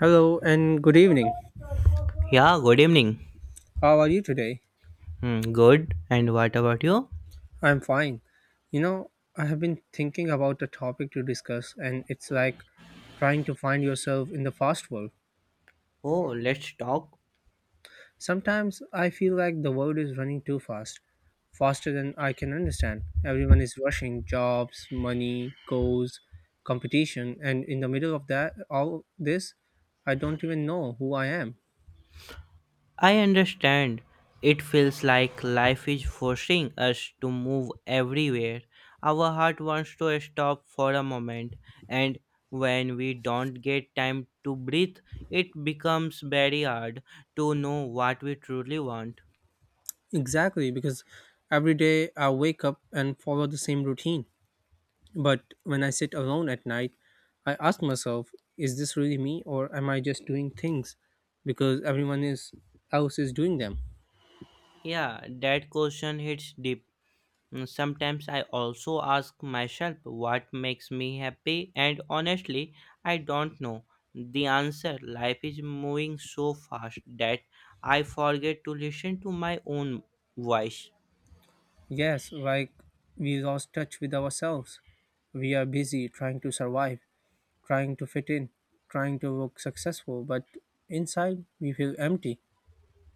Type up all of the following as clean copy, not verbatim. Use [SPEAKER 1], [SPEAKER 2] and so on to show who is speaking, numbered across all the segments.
[SPEAKER 1] Hello and good evening.
[SPEAKER 2] Yeah, good evening.
[SPEAKER 1] How are you today?
[SPEAKER 2] Good. And what about you?
[SPEAKER 1] I'm fine. You know, I have been thinking about a topic to discuss, and it's like trying to find yourself in the fast world.
[SPEAKER 2] Oh, let's talk.
[SPEAKER 1] Sometimes I feel like the world is running too fast, faster than I can understand. Everyone is rushing jobs, money, goals, competition, and in the middle of that, all this, I don't even know who I am.
[SPEAKER 2] I understand. It feels like life is forcing us to move everywhere. Our heart wants to stop for a moment, and when we don't get time to breathe, it becomes very hard to know what we truly want.
[SPEAKER 1] Exactly, because every day I wake up and follow the same routine. But when I sit alone at night, I ask myself, is this really me or am I just doing things because else is doing them?
[SPEAKER 2] Yeah, that question hits deep. Sometimes I also ask myself what makes me happy, and honestly, I don't know the answer. Life is moving so fast that I forget to listen to my own voice.
[SPEAKER 1] Yes, like we lost touch with ourselves. We are busy trying to survive, trying to fit in, trying to look successful, but inside we feel empty.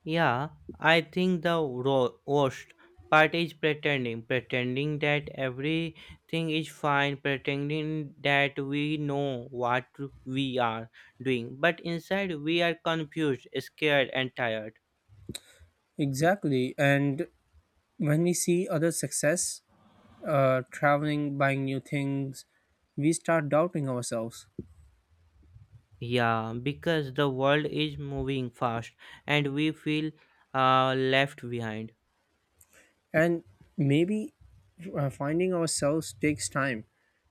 [SPEAKER 2] Yeah, I think the worst part is pretending, pretending that everything is fine, pretending that we know what we are doing, but inside we are confused, scared, and tired.
[SPEAKER 1] Exactly. And when we see other success, traveling, buying new things, we start doubting ourselves.
[SPEAKER 2] Yeah, because the world is moving fast and we feel left behind.
[SPEAKER 1] And maybe finding ourselves takes time.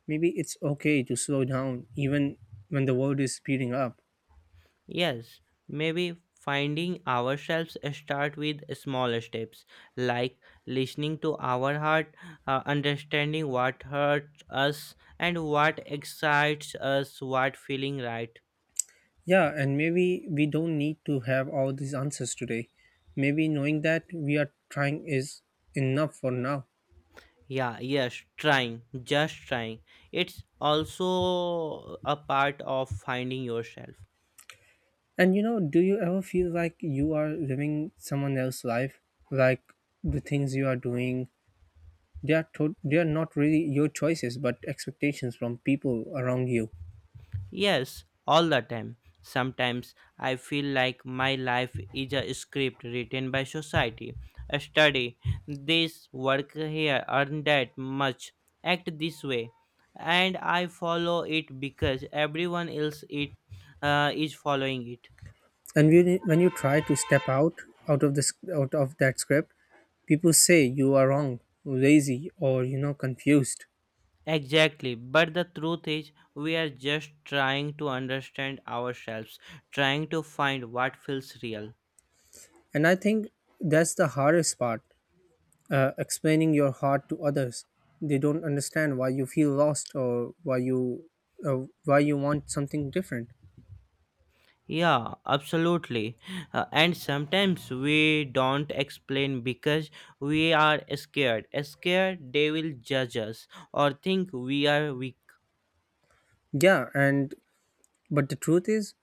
[SPEAKER 1] Maybe it's okay to slow down even when the world is speeding up.
[SPEAKER 2] Yes, maybe finding ourselves start with small steps like listening to our heart, understanding what hurts us and what excites us, what feeling right.
[SPEAKER 1] Yeah, and maybe we don't need to have all these answers today. Maybe knowing that we are trying is enough for now.
[SPEAKER 2] Yeah, yes, trying, just trying. It's also a part of finding yourself.
[SPEAKER 1] And do you ever feel like you are living someone else's life, like the things you are doing, they are not really your choices but expectations from people around you.
[SPEAKER 2] Yes, all the time. Sometimes I feel like my life is a script written by society. Study this, work here, earn that much, act this way. And I follow it because everyone else it, is following it.
[SPEAKER 1] And when you try to step out, out of this, out of that script, people say you are wrong, lazy, or confused.
[SPEAKER 2] Exactly, but the truth is, we are just trying to understand ourselves, trying to find what feels real.
[SPEAKER 1] And I think that's the hardest part, explaining your heart to others. They don't understand why you feel lost or why you want something different.
[SPEAKER 2] Yeah, absolutely. And sometimes we don't explain because we are scared. Scared they will judge us or think we are weak.
[SPEAKER 1] Yeah, and but the truth is,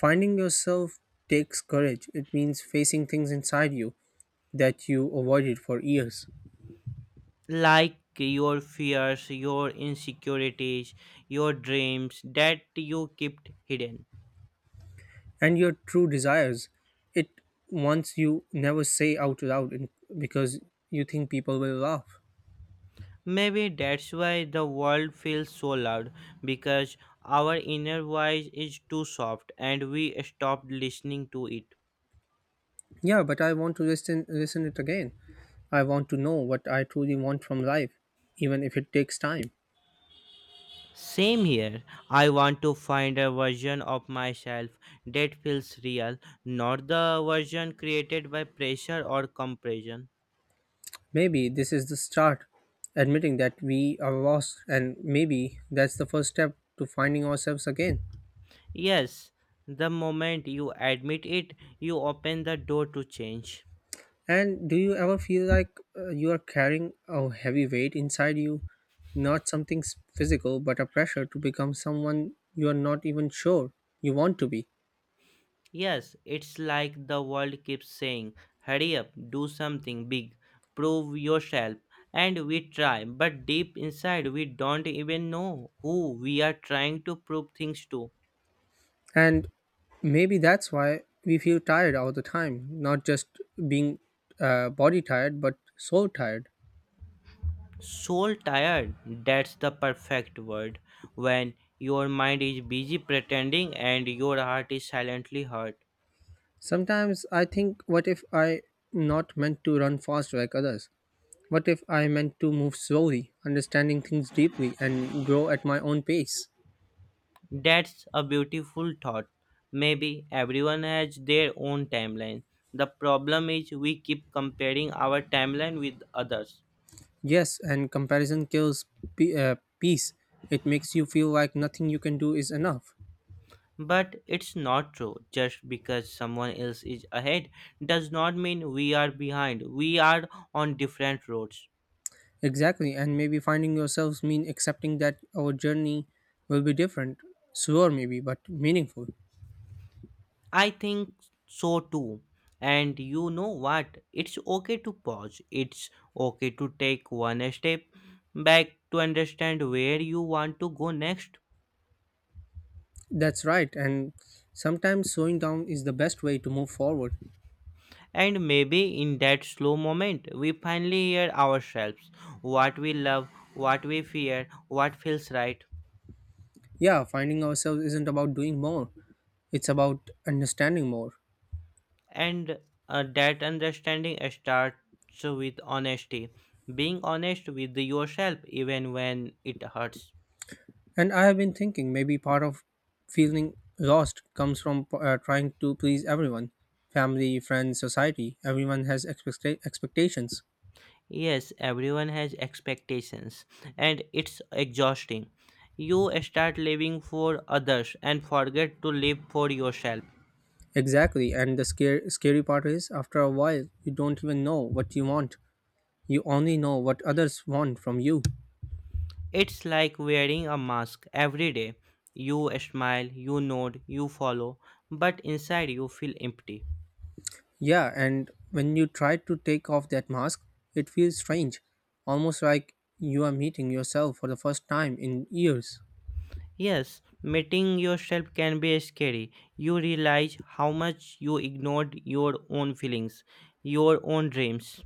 [SPEAKER 1] finding yourself takes courage. It means facing things inside you that you avoided for years.
[SPEAKER 2] Like your fears, your insecurities, your dreams that you kept hidden.
[SPEAKER 1] And your true desires, it once you never say out loud in, because you think people will laugh.
[SPEAKER 2] Maybe that's why the world feels so loud because our inner voice is too soft and we stopped listening to it.
[SPEAKER 1] Yeah, but I want to listen it again. I want to know what I truly want from life, even if it takes time.
[SPEAKER 2] Same here. I want to find a version of myself that feels real, not the version created by pressure or compression.
[SPEAKER 1] Maybe this is the start, admitting that we are lost, and maybe that's the first step to finding ourselves again.
[SPEAKER 2] Yes, the moment you admit it, you open the door to change.
[SPEAKER 1] And do you ever feel like you are carrying a heavy weight inside you? Not something physical, but a pressure to become someone you are not even sure you want to be.
[SPEAKER 2] Yes, it's like the world keeps saying, hurry up, do something big, prove yourself. And we try, but deep inside, we don't even know who we are trying to prove things to.
[SPEAKER 1] And maybe that's why we feel tired all the time, not just being body tired, but soul tired.
[SPEAKER 2] Soul tired, that's the perfect word. When your mind is busy pretending and your heart is silently hurt.
[SPEAKER 1] Sometimes I think, what if I not meant to run fast like others? What if I meant to move slowly, understanding things deeply, and grow at my own pace?
[SPEAKER 2] That's a beautiful thought. Maybe everyone has their own timeline. The problem is we keep comparing our timeline with others.
[SPEAKER 1] Yes, and comparison kills peace. It makes you feel like nothing you can do is enough.
[SPEAKER 2] But it's not true. Just because someone else is ahead does not mean we are behind. We are on different roads.
[SPEAKER 1] Exactly, and maybe finding yourselves mean accepting that our journey will be different, slower maybe, but meaningful.
[SPEAKER 2] I think so too. And you know what? It's okay to pause. It's okay to take one step back to understand where you want to go next.
[SPEAKER 1] That's right, and sometimes slowing down is the best way to move forward.
[SPEAKER 2] And maybe in that slow moment, we finally hear ourselves what we love, what we fear, what feels right.
[SPEAKER 1] Yeah, finding ourselves isn't about doing more, it's about understanding more.
[SPEAKER 2] And that understanding starts with honesty, being honest with yourself even when it hurts.
[SPEAKER 1] And I have been thinking maybe part of feeling lost comes from trying to please everyone: family, friends, society. Everyone has expectations.
[SPEAKER 2] Yes, everyone has expectations, and it's exhausting. You start living for others and forget to live for yourself.
[SPEAKER 1] Exactly. And the scary part is, after a while, you don't even know what you want. You only know what others want from you.
[SPEAKER 2] It's like wearing a mask every day. You smile, you nod, you follow, but inside you feel empty.
[SPEAKER 1] Yeah, and when you try to take off that mask, it feels strange, almost like you are meeting yourself for the first time in years.
[SPEAKER 2] Yes, meeting yourself can be scary. You realize how much you ignored your own feelings, your own dreams.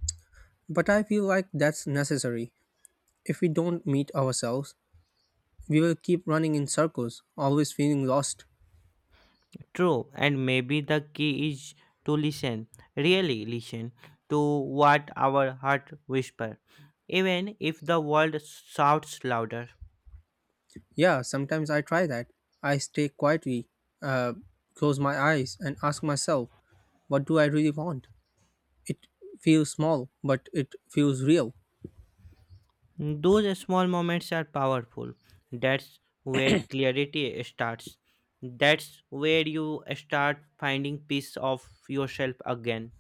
[SPEAKER 1] But I feel like that's necessary. If we don't meet ourselves, we will keep running in circles, always feeling lost.
[SPEAKER 2] True, and maybe the key is to listen, really listen to what our heart whisper, even if the world shouts louder.
[SPEAKER 1] Yeah, sometimes I try that. I stay quietly, uh, close my eyes, and ask myself, what do I really want? It feels small, but it feels real.
[SPEAKER 2] Those small moments are powerful. That's where clarity starts. That's where you start finding peace of yourself again.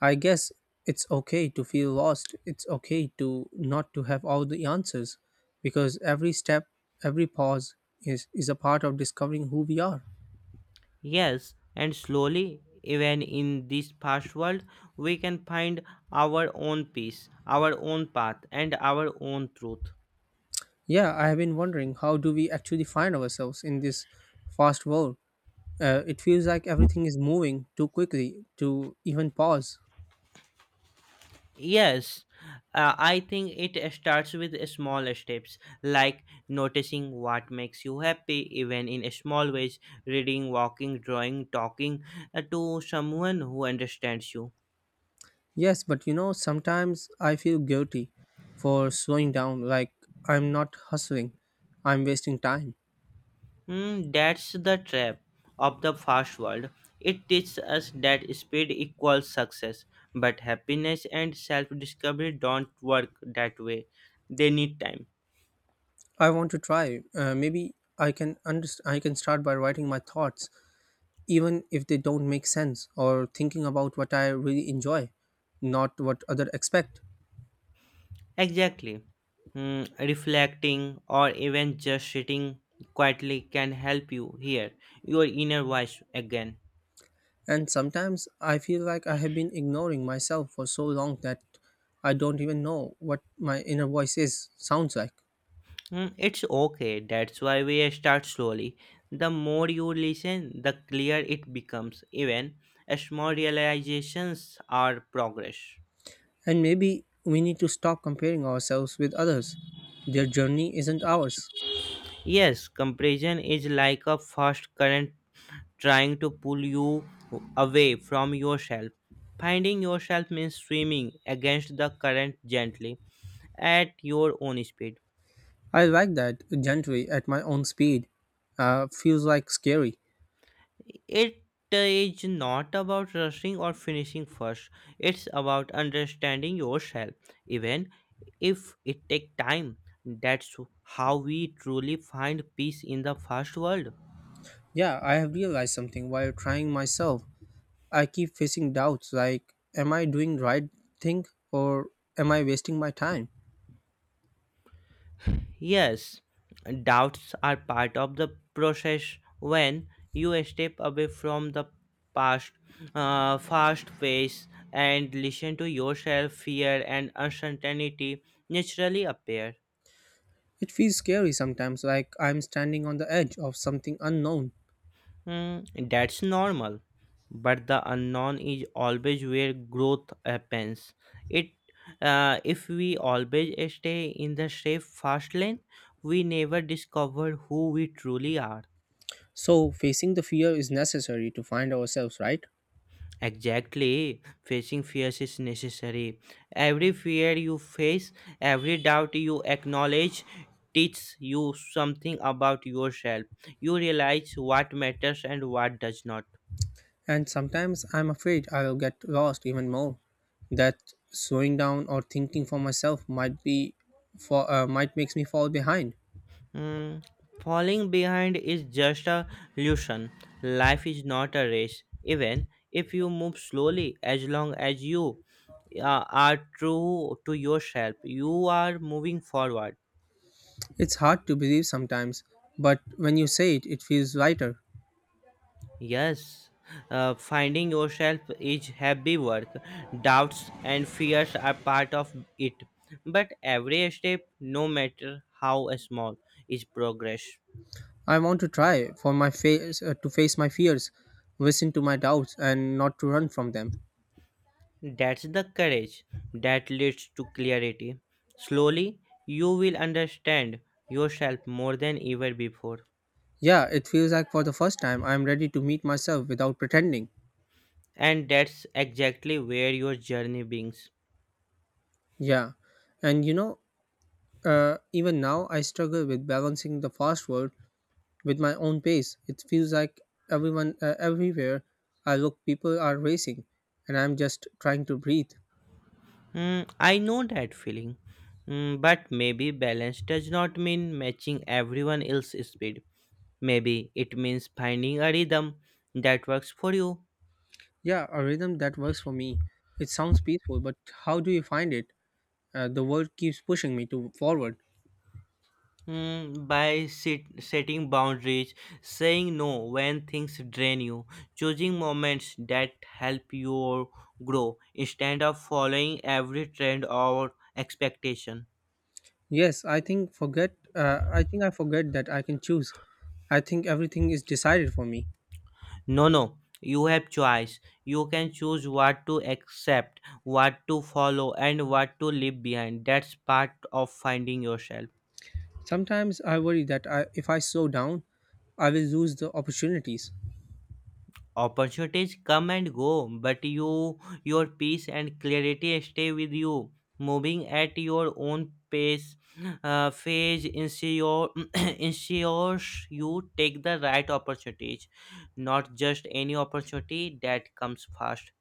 [SPEAKER 1] I guess it's okay to feel lost. It's okay to not to have all the answers, because every step, every pause is a part of discovering who we are.
[SPEAKER 2] Yes, and slowly, even in this fast world, we can find our own peace, our own path, and our own truth.
[SPEAKER 1] Yeah, I have been wondering, how do we actually find ourselves in this fast world? It feels like everything is moving too quickly to even pause.
[SPEAKER 2] Yes, I think it starts with small steps like noticing what makes you happy, even in small ways, reading, walking, drawing, talking to someone who understands you.
[SPEAKER 1] Yes, but sometimes I feel guilty for slowing down, like I'm not hustling, I'm wasting time.
[SPEAKER 2] That's the trap of the fast world. It teaches us that speed equals success, but happiness and self discovery don't work that way. They need time.
[SPEAKER 1] I want to try. Maybe I can I can start by writing my thoughts, even if they don't make sense, or thinking about what I really enjoy, not what other expect.
[SPEAKER 2] Exactly. Hmm, Reflecting or even just sitting quietly can help you hear your inner voice again.
[SPEAKER 1] And sometimes I feel like I have been ignoring myself for so long that I don't even know what my inner voice is sounds like.
[SPEAKER 2] It's okay. That's why we start slowly. The more you listen, the clearer it becomes. Even small realizations are progress.
[SPEAKER 1] And maybe we need to stop comparing ourselves with others. Their journey isn't ours.
[SPEAKER 2] Yes, compression is like a fast current trying to pull you away from yourself. Finding yourself means swimming against the current gently at your own speed.
[SPEAKER 1] I like that, gently at my own speed. Feels like scary.
[SPEAKER 2] It is not about rushing or finishing first. It's about understanding yourself, even if it takes time. That's how we truly find peace in the fast world.
[SPEAKER 1] Yeah, I have realized something while trying myself. I keep facing doubts like, am I doing right thing, or am I wasting my time?
[SPEAKER 2] Yes, doubts are part of the process when you step away from the past fast pace and listen to yourself fear and uncertainty naturally appear.
[SPEAKER 1] It feels scary sometimes, like I'm standing on the edge of something unknown.
[SPEAKER 2] That's normal, but the unknown is always where growth happens. It, if we always stay in the safe fast lane, we never discover who we truly are.
[SPEAKER 1] So, facing the fear is necessary to find ourselves, right?
[SPEAKER 2] Exactly, facing fears is necessary. Every fear you face, every doubt you acknowledge, teaches you something about yourself. You realize what matters and what does not.
[SPEAKER 1] And sometimes I'm afraid I'll get lost even more. That slowing down or thinking for myself might be for might makes me fall behind.
[SPEAKER 2] Hmm, Falling behind is just a illusion. Life is not a race, even if you move slowly, as long as you are true to yourself, you are moving forward.
[SPEAKER 1] It's hard to believe sometimes, but when you say it, it feels lighter.
[SPEAKER 2] Yes, finding yourself is heavy work. Doubts and fears are part of it. But every step, no matter how small, is progress.
[SPEAKER 1] I want to try for my face to face my fears, listen to my doubts and not to run from them.
[SPEAKER 2] That's the courage that leads to clarity. Slowly, you will understand yourself more than ever before.
[SPEAKER 1] Yeah, it feels like for the first time I'm ready to meet myself without pretending.
[SPEAKER 2] And that's exactly where your journey begins.
[SPEAKER 1] Yeah, and even now I struggle with balancing the fast world with my own pace. It feels like everywhere I look, people are racing, and I'm just trying to breathe.
[SPEAKER 2] I know that feeling. But maybe balance does not mean matching everyone else's speed. Maybe it means finding a rhythm that works for you.
[SPEAKER 1] Yeah, a rhythm that works for me. It sounds peaceful, but how do you find it? The world keeps pushing me to forward.
[SPEAKER 2] By setting boundaries, saying no when things drain you, choosing moments that help you grow instead of following every trend or expectation.
[SPEAKER 1] I think I forget that I can choose. I think everything is decided for me.
[SPEAKER 2] No, no, you have choice. You can choose what to accept, what to follow, and what to leave behind. That's part of finding yourself.
[SPEAKER 1] Sometimes I worry that if I slow down, I will lose the opportunities
[SPEAKER 2] Opportunities come and go, but you, your peace and clarity stay with you, moving at your own pace. Uh, phase ensure, ensures you take the right opportunities, not just any opportunity that comes fast.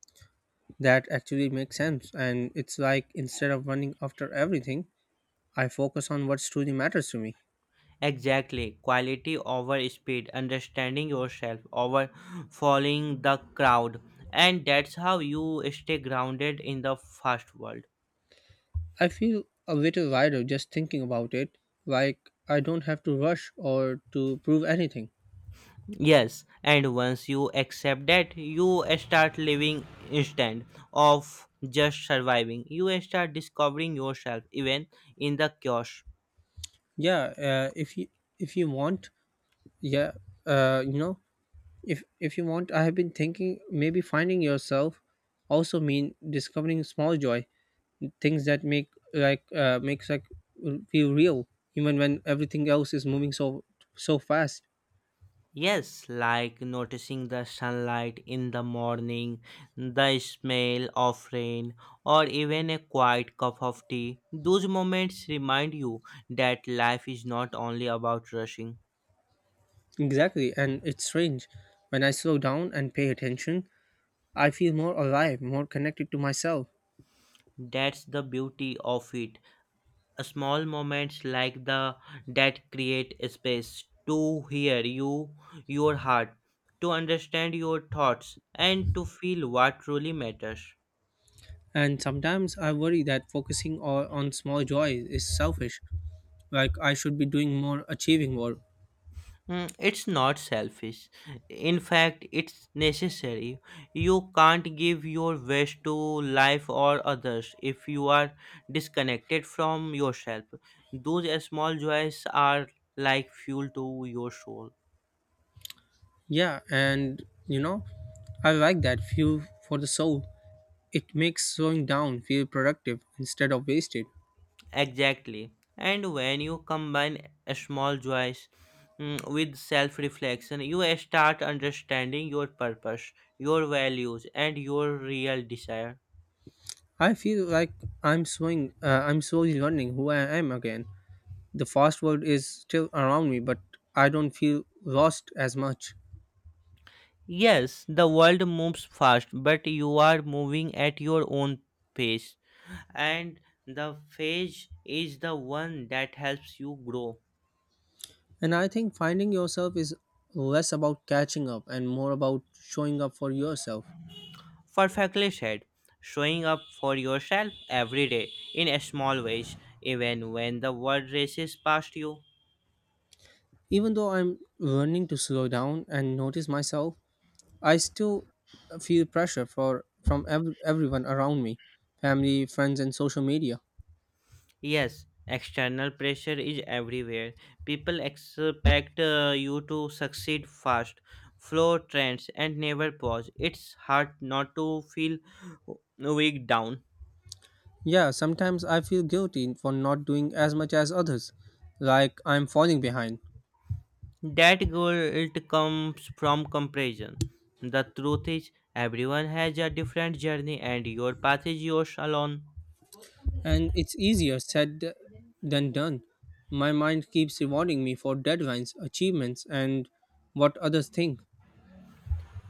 [SPEAKER 1] that actually make sense. And it's like instead of running after everything, I focus on what truly matters to me.
[SPEAKER 2] Exactly, quality over speed, understanding yourself over following the crowd, and that's how you stay grounded in the fast world.
[SPEAKER 1] I feel a little lighter just thinking about it, like I don't have to rush or to prove anything.
[SPEAKER 2] Yes, and once you accept that, you start living instead of just surviving. You start discovering yourself even in the chaos.
[SPEAKER 1] Yeah, if you want, yeah, you know, if you want, I have been thinking maybe finding yourself also mean discovering small joy, things that makes like feel real, even when everything else is moving so fast.
[SPEAKER 2] Yes, like noticing the sunlight in the morning, the smell of rain, or even a quiet cup of tea. Those moments remind you that life is not only about rushing.
[SPEAKER 1] Exactly, and it's strange, when I slow down and pay attention, I feel more alive, more connected to myself.
[SPEAKER 2] That's the beauty of it. Small moments like the that create space to hear you your heart to understand your thoughts and to feel what truly matters.
[SPEAKER 1] And sometimes I worry that focusing on small joys is selfish, like I should be doing more, achieving more.
[SPEAKER 2] It's not selfish, in fact it's necessary. You can't give your best to life or others if you are disconnected from yourself. Those small joys are like fuel to your soul.
[SPEAKER 1] Yeah, and you know, I like that feel for the soul. It makes slowing down feel productive instead of wasted.
[SPEAKER 2] Exactly. And when you combine a small joys with self reflection, you start understanding your purpose, your values, and your real desire.
[SPEAKER 1] I feel like I'm swing. I'm slowly learning who I am again. The fast world is still around me, but I don't feel lost as much.
[SPEAKER 2] Yes, the world moves fast, but you are moving at your own pace. And the phase is the one that helps you grow.
[SPEAKER 1] And I think finding yourself is less about catching up and more about showing up for yourself.
[SPEAKER 2] Perfectly said. Showing up for yourself every day in small ways, even when the world races past you.
[SPEAKER 1] Even though I'm learning to slow down and notice myself, I still feel pressure for from everyone around me, family, friends, and social media.
[SPEAKER 2] Yes, external pressure is everywhere. People expect you to succeed fast, follow trends, and never pause. It's hard not to feel weak down.
[SPEAKER 1] Yeah, sometimes I feel guilty for not doing as much as others, like I'm falling behind.
[SPEAKER 2] That guilt comes from comparison. The truth is, everyone has a different journey, and your path is yours alone.
[SPEAKER 1] And it's easier than done. My mind keeps rewarding me for deadlines, achievements, and what others think.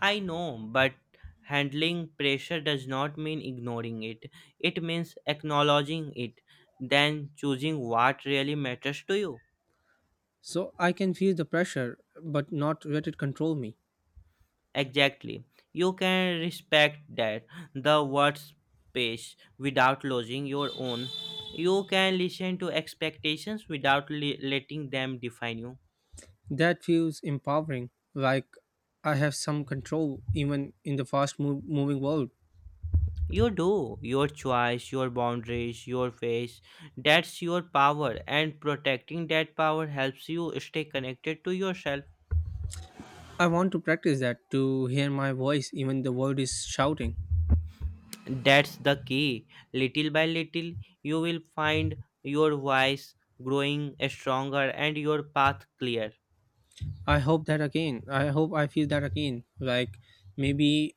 [SPEAKER 2] I know, but handling pressure does not mean ignoring it. It means acknowledging it, then choosing what really matters to you.
[SPEAKER 1] So I can feel the pressure, but not let it control me.
[SPEAKER 2] Exactly. You can respect that, the word space, without losing your own. You can listen to expectations without letting them define you.
[SPEAKER 1] That feels empowering, like I have some control even in the fast moving world.
[SPEAKER 2] You do. Your choice, your boundaries, your face. That's your power, and protecting that power helps you stay connected to yourself.
[SPEAKER 1] I want to practice that, to hear my voice even the world is shouting.
[SPEAKER 2] That's the key. Little by little, you will find your voice growing stronger and your path clear.
[SPEAKER 1] I hope that again. I hope I feel that again. Like maybe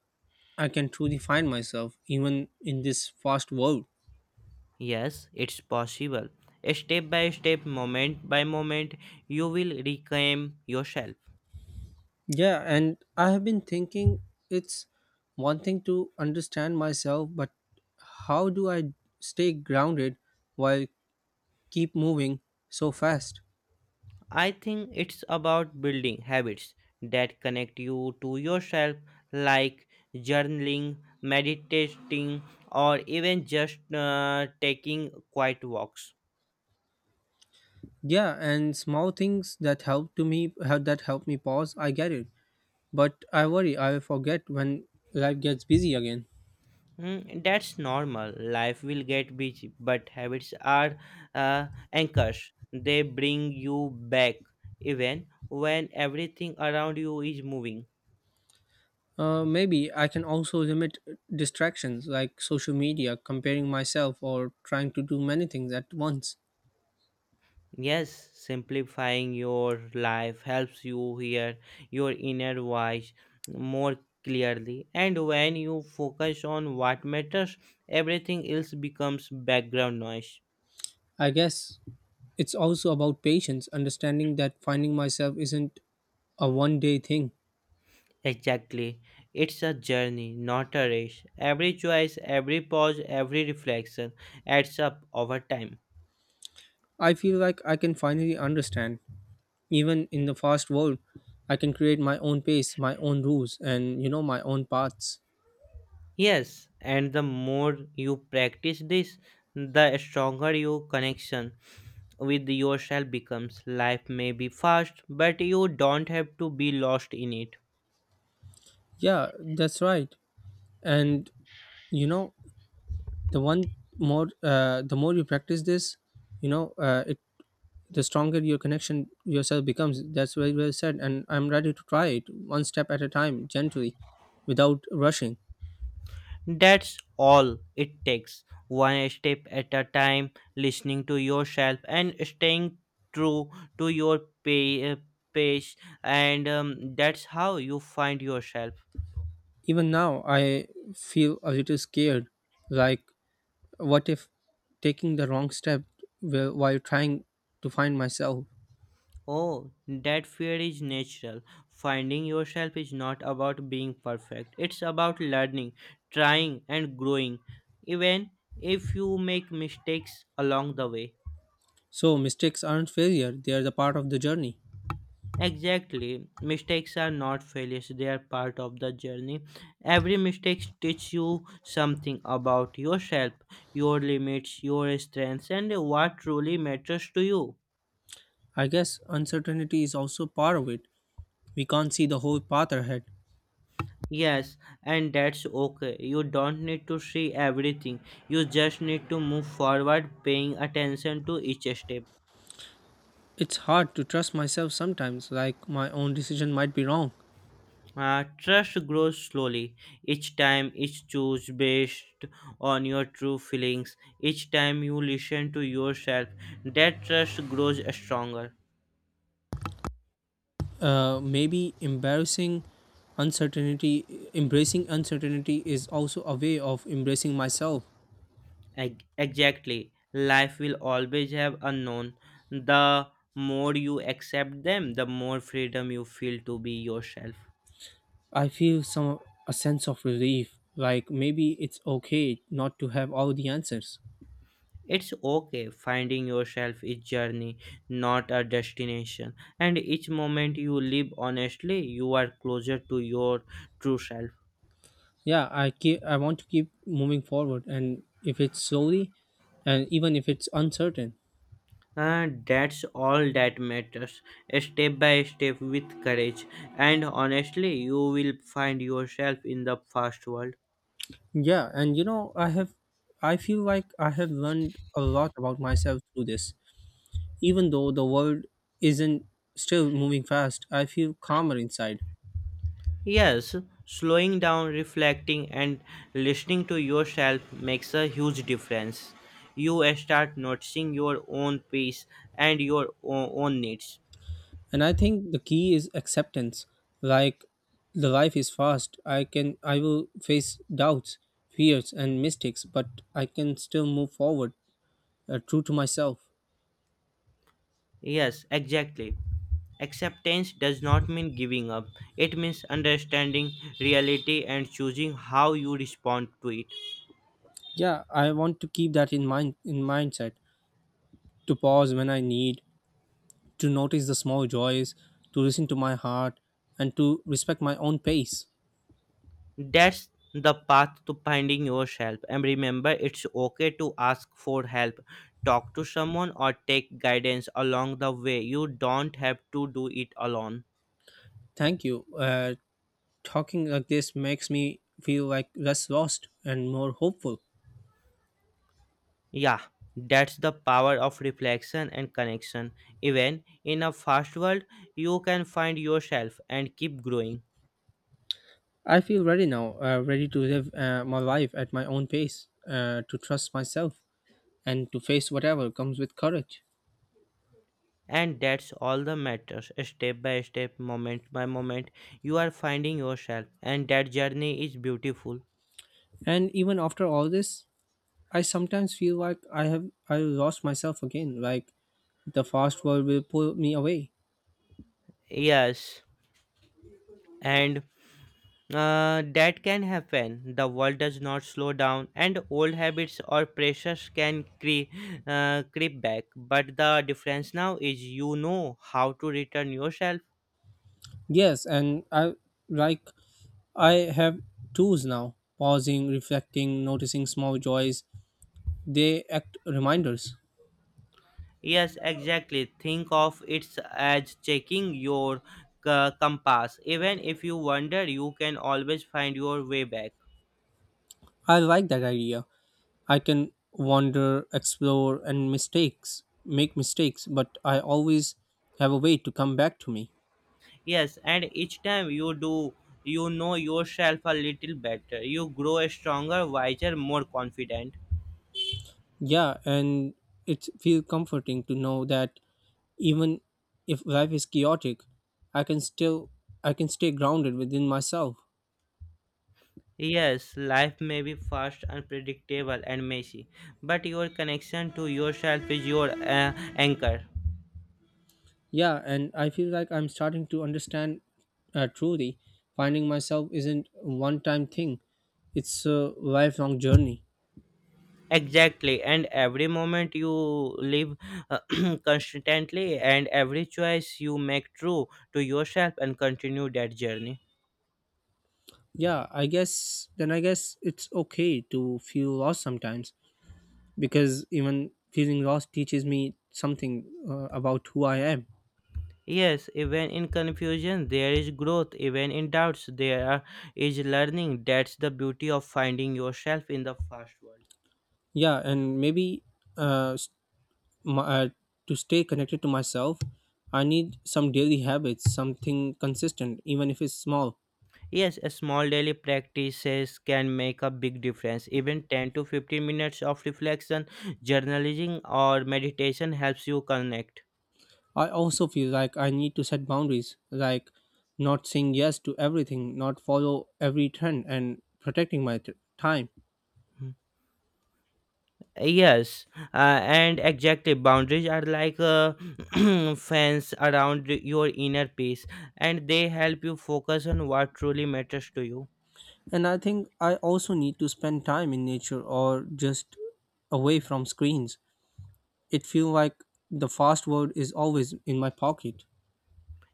[SPEAKER 1] I can truly find myself even in this fast world.
[SPEAKER 2] Yes, it's possible. Step by step, moment by moment, you will reclaim yourself.
[SPEAKER 1] Yeah, and I have been thinking, it's one thing to understand myself, but how do I stay grounded while keep moving so fast?
[SPEAKER 2] I think it's about building habits that connect you to yourself, like journaling, meditating, or even just taking quiet walks.
[SPEAKER 1] Yeah, and small things that help to me help that help me pause, I get it. But I worry I'll forget when life gets busy again.
[SPEAKER 2] That's normal. Life will get busy, but habits are anchors. They bring you back even when everything around you is moving.
[SPEAKER 1] Maybe I can also limit distractions like social media, comparing myself, or trying to do many things at once.
[SPEAKER 2] Yes, simplifying your life helps you hear your inner voice more clearly, and when you focus on what matters, everything else becomes background noise.
[SPEAKER 1] I guess it's also about patience, understanding that finding myself isn't a one day thing.
[SPEAKER 2] Exactly. It's a journey, not a race. Every choice, every pause, every reflection adds up over time.
[SPEAKER 1] I feel like I can finally understand. Even in the fast world, I can create my own pace, my own rules, and my own paths.
[SPEAKER 2] Yes, and the more you practice this, the stronger your connection with yourself becomes. Life may be fast, but you don't have to be lost in it.
[SPEAKER 1] Yeah, that's right. And you know, the one the more you practice this, you know, it the stronger your connection yourself becomes. That's very well said. And I'm ready to try it one step at a time, gently, without rushing.
[SPEAKER 2] That's all it takes. One step at a time, listening to yourself and staying true to your pa- uh, pace, and that's how you find yourself.
[SPEAKER 1] Even now, I feel a little scared. Like, what if taking the wrong step while trying to find myself?
[SPEAKER 2] Oh, that fear is natural. Finding yourself is not about being perfect, it's about learning, trying, and growing, even if you make mistakes along the way.
[SPEAKER 1] So, mistakes aren't failure, they are the part of the journey.
[SPEAKER 2] Exactly. Mistakes are not failures, they are part of the journey. Every mistake teaches you something about yourself, your limits, your strengths, and what truly matters to you.
[SPEAKER 1] I guess uncertainty is also part of it. We can't see the whole path ahead.
[SPEAKER 2] Yes, and that's okay. You don't need to see everything, you just need to move forward, paying attention to each step.
[SPEAKER 1] It's hard to trust myself sometimes, like my own decision might be wrong.
[SPEAKER 2] Trust grows slowly each time each choose based on your true feelings, each time you listen to yourself that trust grows stronger.
[SPEAKER 1] Maybe embarrassing uncertainty, embracing uncertainty is also a way of embracing myself.
[SPEAKER 2] Exactly, life will always have unknown. The more you accept them, the more freedom you feel to be yourself.
[SPEAKER 1] I feel some a sense of relief, like maybe it's okay not to have all the answers.
[SPEAKER 2] It's okay, finding yourself is journey, not a destination, and each moment you live honestly you are closer to your true self.
[SPEAKER 1] Yeah, I want to keep moving forward, and if it's slowly, and even if it's uncertain.
[SPEAKER 2] That's all that matters. Step by step with courage. And honestly, you will find yourself in the fast world.
[SPEAKER 1] Yeah, and I feel like I have learned a lot about myself through this. Even though the world isn't still moving fast, I feel calmer inside.
[SPEAKER 2] Yes, slowing down, reflecting, and listening to yourself makes a huge difference. You start noticing your own pace and own needs.
[SPEAKER 1] And I think the key is acceptance, like the life is fast, I will face doubts, fears and mistakes, but I can still move forward, true to myself.
[SPEAKER 2] Yes, exactly. Acceptance does not mean giving up, it means understanding reality and choosing how you respond to it.
[SPEAKER 1] Yeah, I want to keep that in mindset, to pause when I need, to notice the small joys, to listen to my heart, and to respect my own pace.
[SPEAKER 2] That's the path to finding yourself. And remember, it's okay to ask for help. Talk to someone or take guidance along the way. You don't have to do it alone.
[SPEAKER 1] Thank you. Talking like this makes me feel like less lost and more hopeful.
[SPEAKER 2] Yeah, that's the power of reflection and connection. Even in a fast world, you can find yourself and keep growing.
[SPEAKER 1] I feel ready now, ready to live my life at my own pace, to trust myself, and to face whatever comes with courage.
[SPEAKER 2] And that's all that matters. Step by step, moment by moment, you are finding yourself, and that journey is beautiful.
[SPEAKER 1] And even after all this, I sometimes feel like I lost myself again, like the fast world will pull me away.
[SPEAKER 2] Yes, and that can happen. The world does not slow down, and old habits or pressures can creep back. But the difference now is you know how to return yourself.
[SPEAKER 1] Yes, and like I have tools now, pausing, reflecting, noticing small joys. They act reminders.
[SPEAKER 2] Yes, exactly. Think of it as checking your compass. Even if you wander, you can always find your way back.
[SPEAKER 1] I like that idea. I can wander, explore, and mistakes make mistakes, but I always have a way to come back to me.
[SPEAKER 2] Yes, and each time you do, you know yourself a little better. You grow stronger, wiser, more confident.
[SPEAKER 1] Yeah, and it feels comforting to know that even if life is chaotic, I can still I can stay grounded within myself.
[SPEAKER 2] Yes, life may be fast, unpredictable, and messy, but your connection to yourself is your anchor.
[SPEAKER 1] Yeah, and I feel like I'm starting to understand, truly. Finding myself isn't a one-time thing; it's a lifelong journey.
[SPEAKER 2] Exactly, and every moment you live, uh, constantly, and every choice you make true to yourself and continue that journey.
[SPEAKER 1] Yeah, I guess it's okay to feel lost sometimes, because even feeling lost teaches me something, about who I am.
[SPEAKER 2] Yes, even in confusion, there is growth. Even in doubts, is learning. That's the beauty of finding yourself in the fast world.
[SPEAKER 1] Yeah, and maybe uh, s- my, uh to stay connected to myself, I need some daily habits, something consistent even if it's small.
[SPEAKER 2] Yes, a small daily practices can make a big difference. Even 10 to 15 minutes of reflection, journaling, or meditation helps you connect.
[SPEAKER 1] I also feel like I need to set boundaries, like not saying yes to everything, not follow every trend, and protecting time.
[SPEAKER 2] Yes, and exactly, boundaries are like a fence around your inner peace and they help you focus on what truly matters to you.
[SPEAKER 1] And I think I also need to spend time in nature or just away from screens. It feels like the fast world is always in my pocket.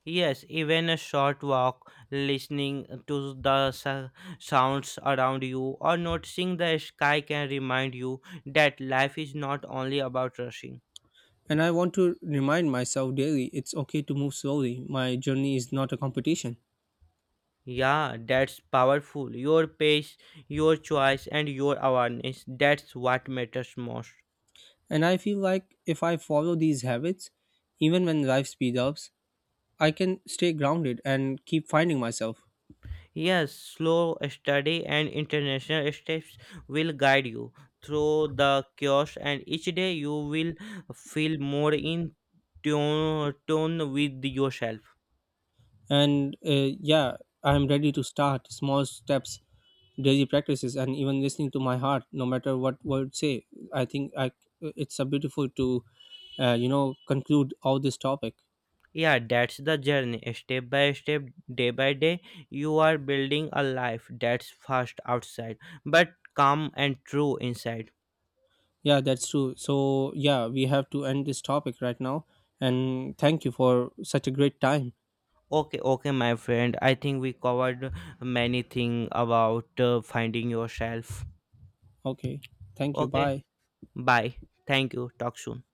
[SPEAKER 2] Yes, even a short walk, listening to sounds around you, or noticing the sky can remind you that life is not only about rushing.
[SPEAKER 1] And I want to remind myself daily it's okay to move slowly. My journey is not a competition.
[SPEAKER 2] Yeah, that's powerful. Your pace, your choice, and your awareness that's what matters most.
[SPEAKER 1] And I feel like if I follow these habits, even when life speeds up, I can stay grounded and keep finding myself.
[SPEAKER 2] Yes, slow study and international steps will guide you through the chaos, and each day you will feel more in tune with yourself.
[SPEAKER 1] And yeah, I'm ready to start small steps, daily practices, and even listening to my heart, no matter what word say. I think I It's a beautiful to, you know, conclude all this topic.
[SPEAKER 2] Yeah, that's the journey. Step by step, day by day, you are building a life that's fast outside, but calm and true inside.
[SPEAKER 1] Yeah, that's true. So yeah, we have to end this topic right now. And thank you for such a great time.
[SPEAKER 2] Okay, okay, my friend. I think we covered many things about finding yourself.
[SPEAKER 1] Okay, thank you.
[SPEAKER 2] Okay,
[SPEAKER 1] Bye.
[SPEAKER 2] bye. Thank you. Talk soon.